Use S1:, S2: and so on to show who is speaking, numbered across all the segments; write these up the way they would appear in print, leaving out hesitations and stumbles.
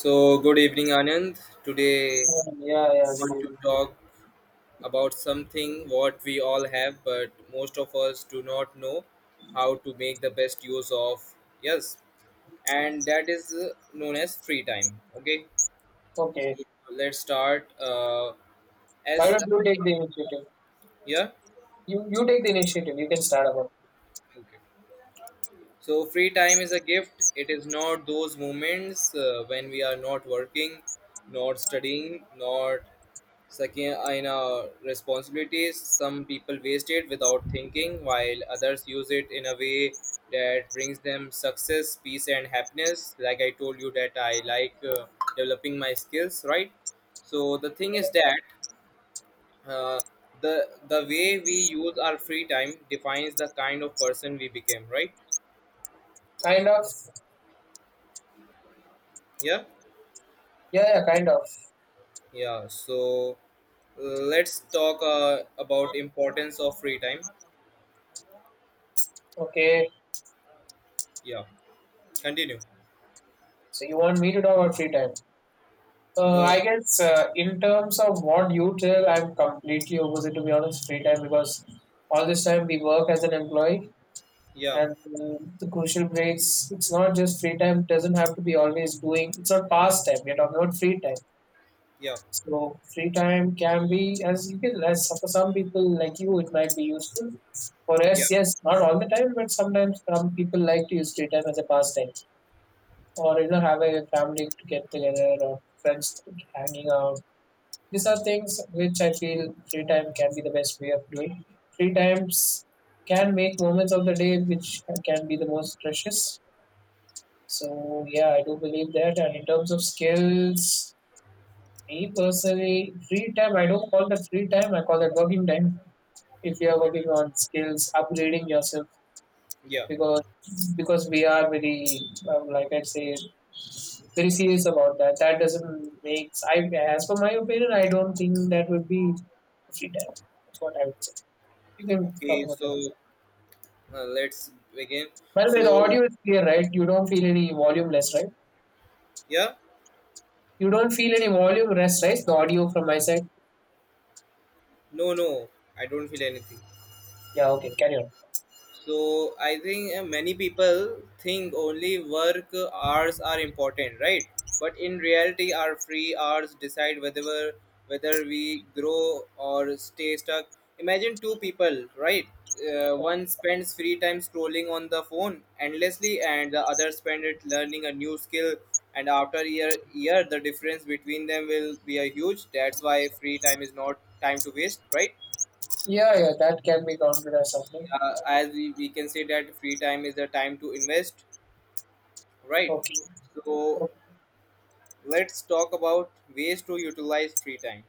S1: So, good evening, Anand. Today,
S2: Yeah,
S1: I
S2: yeah,
S1: want
S2: good
S1: to
S2: idea.
S1: talk about something what we all have, but most of us do not know how to make the best use of. Yes, and that is known as free time. Okay,
S2: Okay.
S1: so let's start.
S2: Why
S1: As
S2: don't you take the initiative?
S1: yeah,
S2: You take the initiative. You can start about
S1: okay. So free time is a gift. It is not those moments when we are not working, not studying, not sucking in our responsibilities. Some people waste it without thinking, while others use it in a way that brings them success, peace, and happiness. Like I told you that I like developing my skills, right? So the thing is that uh, the way we use our free time defines the kind of person we became, right?
S2: kind of.
S1: Yeah.
S2: Yeah, yeah, kind of.
S1: Yeah, so uh, let's talk about importance of free time.
S2: Okay.
S1: Yeah, continue.
S2: So you want me to talk about free time?
S1: No,
S2: I guess in terms of what you tell, I'm completely opposite to be honest. Free time because all this time we work as an employee,
S1: yeah,
S2: and the crucial breaks. It's not just free time. It doesn't have to be always doing. It's not past time. We're talking about free time.
S1: yeah,
S2: So free time can be as little as for some people like you, it might be useful. For
S1: yeah,
S2: us, yes, not all the time, but sometimes some people like to use free time as a pastime, or you know, have a family to get together or friends hanging out. These are things which I feel free time can be the best way of doing. Free times can make moments of the day which can be the most precious. So yeah, I do believe that. And in terms of skills, me personally, free time, I don't call that free time, I call that working time. If you are working on skills, upgrading yourself,
S1: yeah.
S2: because because we are very, like I say, very serious about that. That doesn't make, I, as for my opinion, I don't think that would be free time. That's what I would say. You can talk
S1: Okay,
S2: about yours.
S1: so let's begin.
S2: By the way, the
S1: So
S2: audio is clear, right? You don't feel any volume less, right?
S1: yeah,
S2: You don't feel any volume less, right? The audio from my side.
S1: no, no, I don't feel anything.
S2: Yeah, okay, carry on.
S1: So I think many people think only work hours are important, right? But in reality, our free hours decide whether we grow or stay stuck. Imagine two people, right? One spends free time scrolling on the phone endlessly, and the other spend it learning a new skill. And after year, the difference between them will be a huge. That's why free time is not time to waste, right?
S2: Yeah, yeah, that can be counted as something.
S1: We can say that free time is the time to invest, right?
S2: Okay.
S1: So let's talk about ways to utilize free time.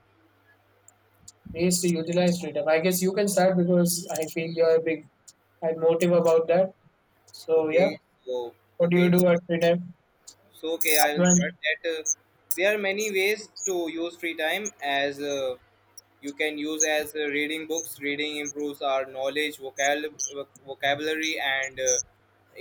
S2: Ways to utilize free time. I guess you can start because I feel you're a big had motive about that. So yeah,
S1: okay so
S2: what do you
S1: okay
S2: do at free time?
S1: I will
S2: Upfront.
S1: start that. There are many ways to use free time as you can use as reading books. Reading improves our knowledge, vocabulary, and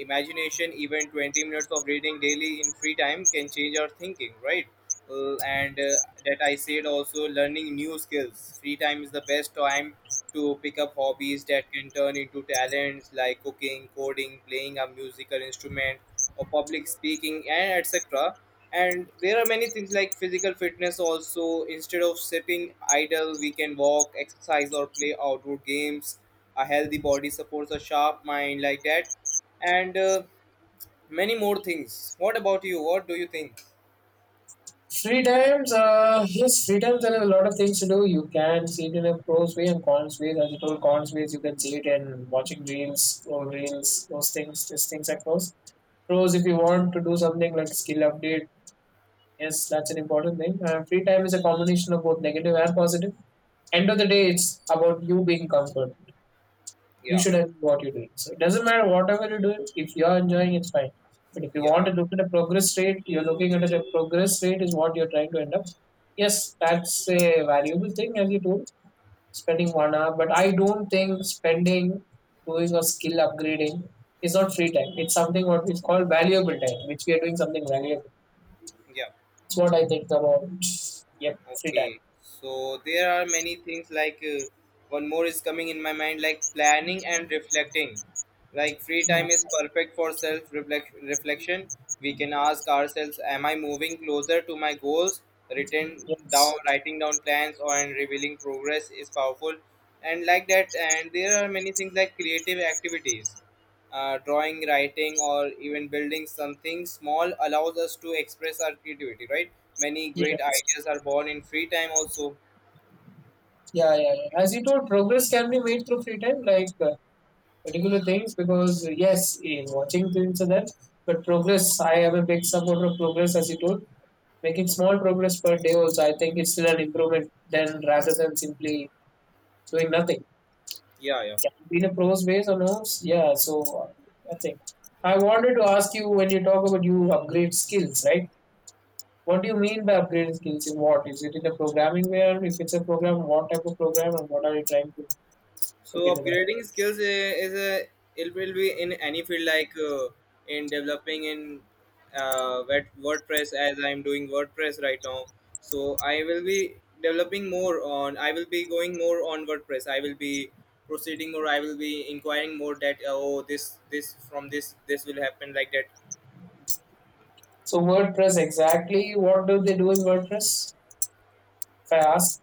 S1: imagination. Even 20 minutes of reading daily in free time can change our thinking, right? And that I said also learning new skills. Free time is the best time to pick up hobbies that can turn into talents like cooking, coding, playing a musical instrument or public speaking and etc. And there are many things like physical fitness also. Instead of sitting idle, we can walk, exercise, or play outdoor games. A healthy body supports a sharp mind, like that. And many more things. What about you? What do you think?
S2: Free times, yes, free times there are a lot of things to do. You can see it in a pros way and cons ways. As you told, cons ways you can see it in watching reels or reels, those things, these things are pros. Pros, if you want to do something like skill update, yes, that's an important thing. Free time is a combination of both negative and positive. End of the day, it's about you being comfort. You
S1: Yeah,
S2: should enjoy what you're doing. So it doesn't matter whatever you're doing, if you're enjoying, it's fine. But if you want
S1: yeah,
S2: to look at a progress rate, you're looking at a progress rate is what you're trying to end up. Yes, that's a valuable thing as you told, spending 1 hour. But I don't think spending doing a skill upgrading is not free time. It's something what is called valuable time, which we are doing something valuable.
S1: yeah.
S2: It's what I think about. Yep, free time.
S1: Okay, so there are many things like one more is coming in my mind like planning and reflecting. Like free
S2: Mm.
S1: time is perfect for self reflection. We can ask ourselves, am I moving closer to my goals? Written down,
S2: Yes.
S1: writing down plans or and revealing progress is powerful, and like that. And there are many things like creative activities. Drawing, writing, or even building something small allows us to express our creativity, right? Many great
S2: Yes.
S1: ideas are born in free time, also.
S2: Yeah, yeah, yeah. As you told, progress can be made through free time. Like particular things because yes, in watching things and that, but progress. I am a big supporter of progress, as you told. Making small progress per day also, I think it's still an improvement than rather than simply doing nothing.
S1: Yeah, yeah.
S2: Can it be the pros ways or no? Yeah. So I think I wanted to ask you when you talk about you upgrade skills, right? What do you mean by upgrading skills in what? Is it in the programming where if it's a program, what type of program and what are you trying to
S1: So,
S2: look into that?
S1: is a, it will be in any field, like in developing in WordPress, as I'm doing WordPress right now. So, I will be developing more on, I will be going more on WordPress. I will be proceeding more, I will be inquiring more that, oh, this, from this, this will happen like that.
S2: So WordPress exactly what do they do in WordPress? If I ask,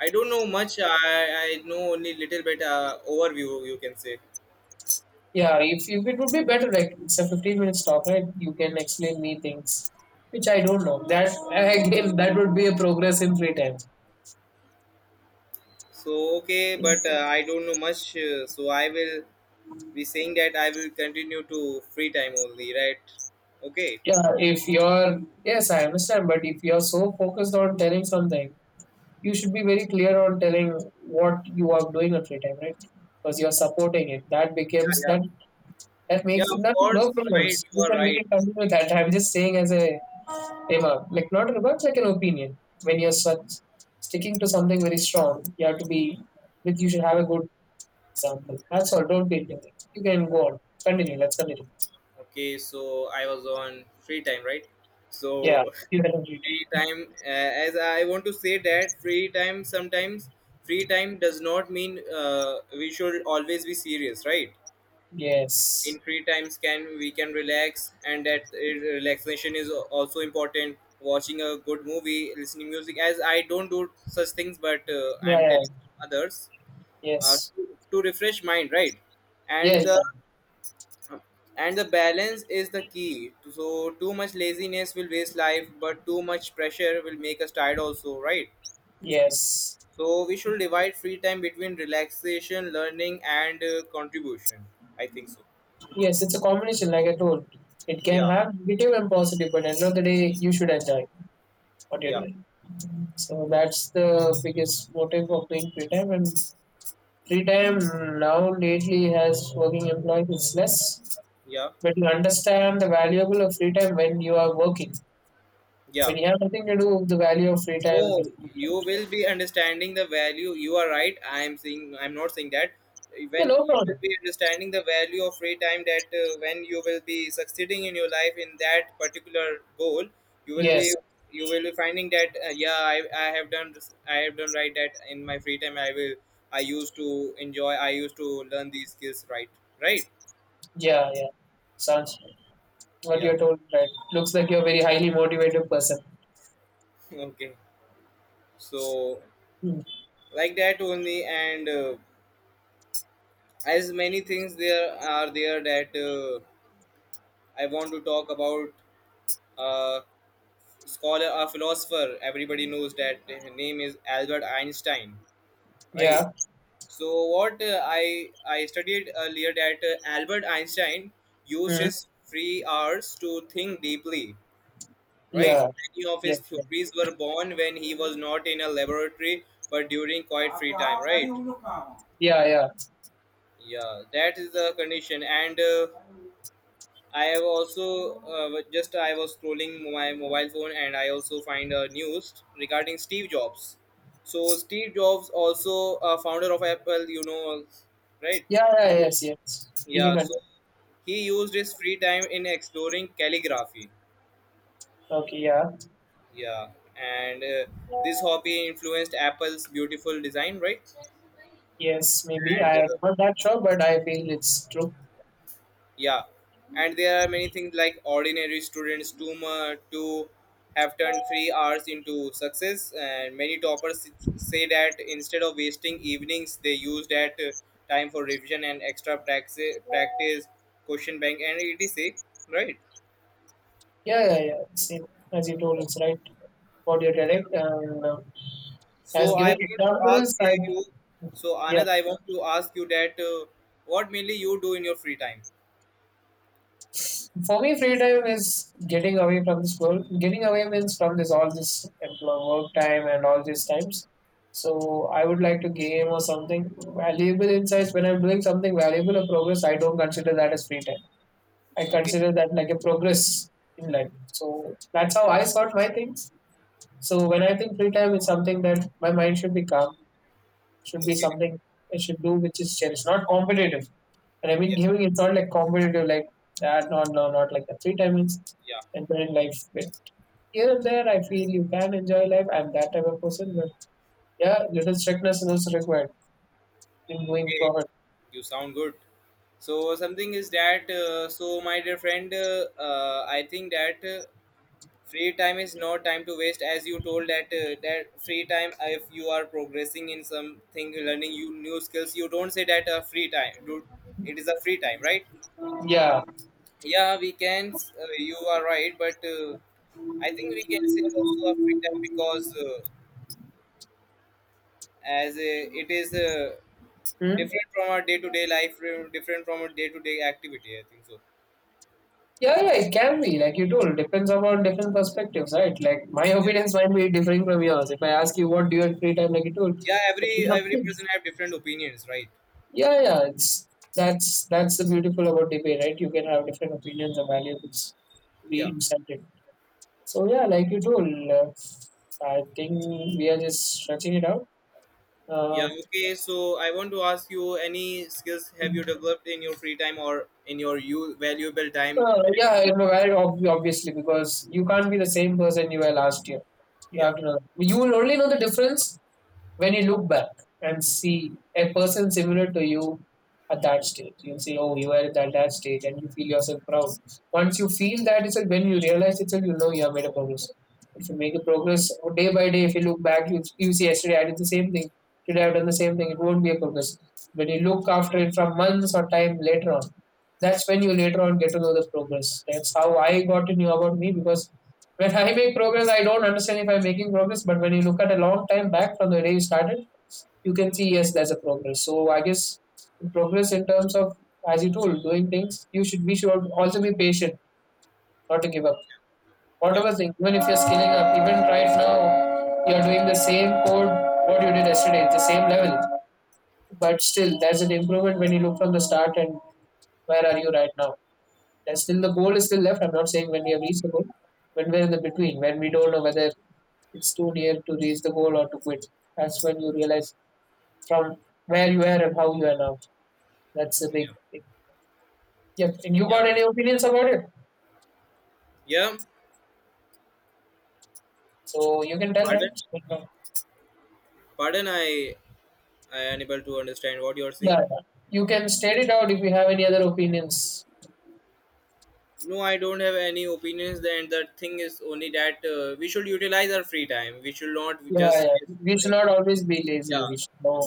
S1: I don't know much. I know only little bit overview you can say.
S2: yeah, if it would be better, like it's a 15 minutes talk, right? You can explain me things which I don't know. That again, that would be a progress in free time.
S1: So okay, but I don't know much. So I will be saying that I will continue to free time only, right? Okay.
S2: Yeah, if you're yes, I understand, but if you're so focused on telling something, you should be very clear on telling what you are doing at free time, right? Because you're supporting it. That
S1: Yeah,
S2: becomes
S1: yeah,
S2: that that
S1: yeah.
S2: makes it
S1: Of
S2: nothing,
S1: course,
S2: no
S1: right.
S2: problems.
S1: You
S2: We
S1: are
S2: can we
S1: right.
S2: can continue that. I'm just saying as a remark, like not remarks, like an opinion. When you're such, sticking to something very strong, you have to be like you should have a good example. That's all. Don't be anything. You can go on. Continue. Let's continue.
S1: Okay, so I was on free time, right?
S2: Yeah.
S1: So
S2: You can complete it.
S1: free time, as I want to say that free time does not mean we should always be serious, right? In
S2: Yes.
S1: free times can we can relax, and that relaxation is also important, watching a good movie, listening music. As I don't do such things, but
S2: Yeah,
S1: I'm telling
S2: yeah.
S1: others
S2: Yes.
S1: to refresh mind, right? And
S2: Yes.
S1: the, and the balance is the key. So too much laziness will waste life, but too much pressure will make us tired also, right?
S2: Yes.
S1: So we should divide free time between relaxation, learning, and contribution, I think so.
S2: Yes. It's a combination, like I told. It can
S1: Yeah,
S2: have negative and positive, but at the end of the day, you should enjoy what you're
S1: yeah,
S2: doing. So that's the biggest motive of doing free time and free time now lately has working employee is less,
S1: yeah,
S2: but you understand the valuable of free time when you are working.
S1: yeah.
S2: When you have nothing to do, the value of free time is
S1: No,
S2: different.
S1: you will be understanding the value. You are right. I am saying I'm not saying that.
S2: Yeah,
S1: When
S2: no
S1: you will
S2: problem.
S1: be understanding the value of free time, that when you will be succeeding in your life in that particular goal, you will be
S2: Yes,
S1: you will be finding that yeah, I have done I have done right that in my free time. I used to enjoy. I used to learn these skills. Right, right.
S2: yeah, yeah. Sounds what
S1: Yeah.
S2: you're told, right? Looks like you're a very highly motivated person.
S1: Okay. So
S2: Hmm.
S1: like that only, and as many things there are there that. I want to talk about a scholar, a philosopher. Everybody knows that his name is Albert Einstein, right?
S2: Yeah.
S1: So what I studied earlier that Albert Einstein used
S2: Hmm.
S1: his free hours to think deeply, right?
S2: Yeah.
S1: Many of
S2: Yeah.
S1: his
S2: Yeah.
S1: theories were born when he was not in a laboratory, but during quiet free time, right?
S2: Yeah. Yeah.
S1: Yeah, that is the condition, and I have also just I was scrolling my mobile phone and I also find news regarding Steve Jobs. So Steve Jobs also, founder of Apple, you know, right?
S2: Yeah. Yeah. Yes. Yes. You can.
S1: Yeah. So
S2: Continue.
S1: he used his free time in exploring calligraphy.
S2: Okay. Yeah.
S1: Yeah, and this hobby influenced Apple's beautiful design, right?
S2: Yes. Maybe
S1: And
S2: I'm not that sure, but I feel it's true.
S1: yeah, and there are many things like ordinary students to have turned 3 hours into success, and many toppers say that instead of wasting evenings they use that time for revision and extra practice question bank and etc, right?
S2: Yeah. Yeah. Yeah. Same as you told, it's right. About your dialect and
S1: so
S2: as
S1: i
S2: giving
S1: want to
S2: examples
S1: ask
S2: like
S1: you so
S2: yeah.
S1: Anand, I want to ask you that what mainly you do in your free time.
S2: For me free time is getting away from the school, getting away means from this all this employ- work time and all these times. So I would like to game or something valuable insights. When I'm doing something valuable or progress I don't consider that as free time, I
S1: Okay,
S2: consider that like a progress in life. So that's how I sort my things. So when I think free time is something that my mind should be calm, should be
S1: okay,
S2: something I should do, which is cherish, not competitive. And I mean,
S1: yeah,
S2: giving it's not like competitive, like that, not, no, not like the free time is
S1: yeah.
S2: enjoying life. But here and there, I feel you can enjoy life. I'm that type of person, but yeah, little strictness is also required in going
S1: Okay,
S2: forward.
S1: you sound good. So something is that my dear friend, I think that free time is not time to waste. As you told that that free time, if you are progressing in something, learning you new skills, you don't say that free time. Dude, it is a free time, right?
S2: Yeah.
S1: Yeah, we can. You are right, but I think we can say also a free time because. It is
S2: Hmm?
S1: different from our day-to-day life, different from our day-to-day activity, I think so.
S2: Yeah, yeah, it can be. Like you told, depends upon different perspectives, right? Like my
S1: Yeah,
S2: opinions might be differing from yours. If I ask you what do you have free time, like you told,
S1: yeah, every
S2: different
S1: every
S2: opinions.
S1: person have different opinions, right?
S2: Yeah, yeah, it's that's the beautiful about debate, right? You can have different opinions and values. It's
S1: Yeah,
S2: be incented. So yeah, like you told, I think we are just stretching it out. Uh,
S1: yeah. Okay, so I want to ask you, any skills have you developed in your free time or in your you valuable time that
S2: yeah,
S1: you,
S2: you know, very obviously because you can't be the same person you were last year. You
S1: yeah,
S2: have to know. You will only know the difference when you look back and see a person similar to you at that stage, you'll say, oh, you were at that, that stage, and you feel yourself proud. Once you feel that, it's like when you realize it's like you know you have made a progress. If you make a progress day by day, if you look back, you see yesterday I did the same thing, today I've done the same thing, it won't be a progress. When you look after it from months or time later on, that's when you later on get to know the progress. That's how I got to know about me because when I make progress, I don't understand if I'm making progress, but when you look at a long time back from the day you started, you can see yes, there's a progress. So I guess progress in terms of as you told, doing things, you should we should also be patient, not to give up.
S1: yeah,
S2: Whatever thing, even if you're scaling up, even right now you're doing the same code what you did yesterday, the same level. But still there's an improvement when you look from the start and where are you right now. And still the goal is still left. I'm not saying when we have reached the goal, when we're in the between, when we don't know whether it's too near to reach the goal or to quit. That's when you realize from where you are and how you are now. That's a big,
S1: yeah,
S2: big yeah. And you
S1: yeah,
S2: got any opinions about it?
S1: yeah.
S2: So you can tell, right?
S1: Pardon,
S2: Yeah,
S1: pardon, I unable to understand what you're
S2: yeah.
S1: saying.
S2: You can state it out if you have any other opinions.
S1: No, I don't have any opinions. Then the thing is only that we should utilize our free time. We should not
S2: Yeah,
S1: just
S2: yeah.
S1: waste
S2: We should
S1: schooling.
S2: not always be
S1: Yeah,
S2: lazy. We should know.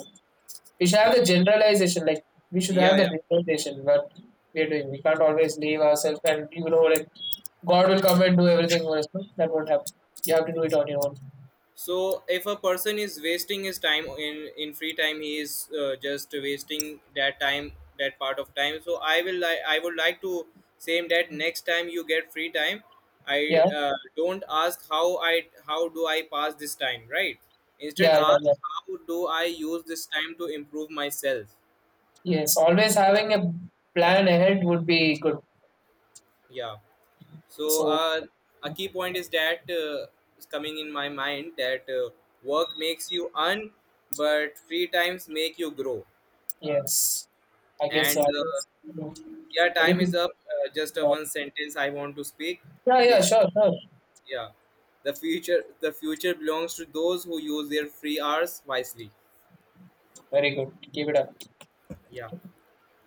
S2: We should have the generalization. Like we should
S1: yeah,
S2: have
S1: yeah.
S2: the generalization. What we are doing. We can't always leave ourselves and you know like God will come and do everything for us. No? That won't happen. You have to do it on your own.
S1: So if a person is wasting his time in free time, he is just wasting that time, that part of time. So I will like I would like to say that next time you get free time, I
S2: Yeah,
S1: don't ask how I how do I pass this time, right? Instead,
S2: yeah, yeah, yeah.
S1: ask how do I use this time to improve myself.
S2: Yes, always having a plan ahead would be good.
S1: Yeah. So
S2: So,
S1: a key point is that is coming in my mind that work makes you earn, but free times make you grow.
S2: yes, I guess. So.
S1: And
S2: I guess.
S1: yeah,
S2: I guess.
S1: time is up. Just a one sentence I want to speak.
S2: Yeah, yeah,
S1: Please,
S2: sure, sure.
S1: yeah, the future belongs to those who use their free hours wisely.
S2: Very good. Keep it up.
S1: Yeah.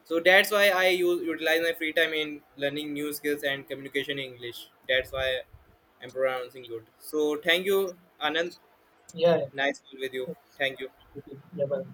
S1: So that's why I use, utilize my free time in learning new skills and communication in English. That's why I'm pronouncing good. So thank you, Anand.
S2: Yeah,
S1: Nice to be with you.
S2: yeah.
S1: Thank you.
S2: Yeah, bye.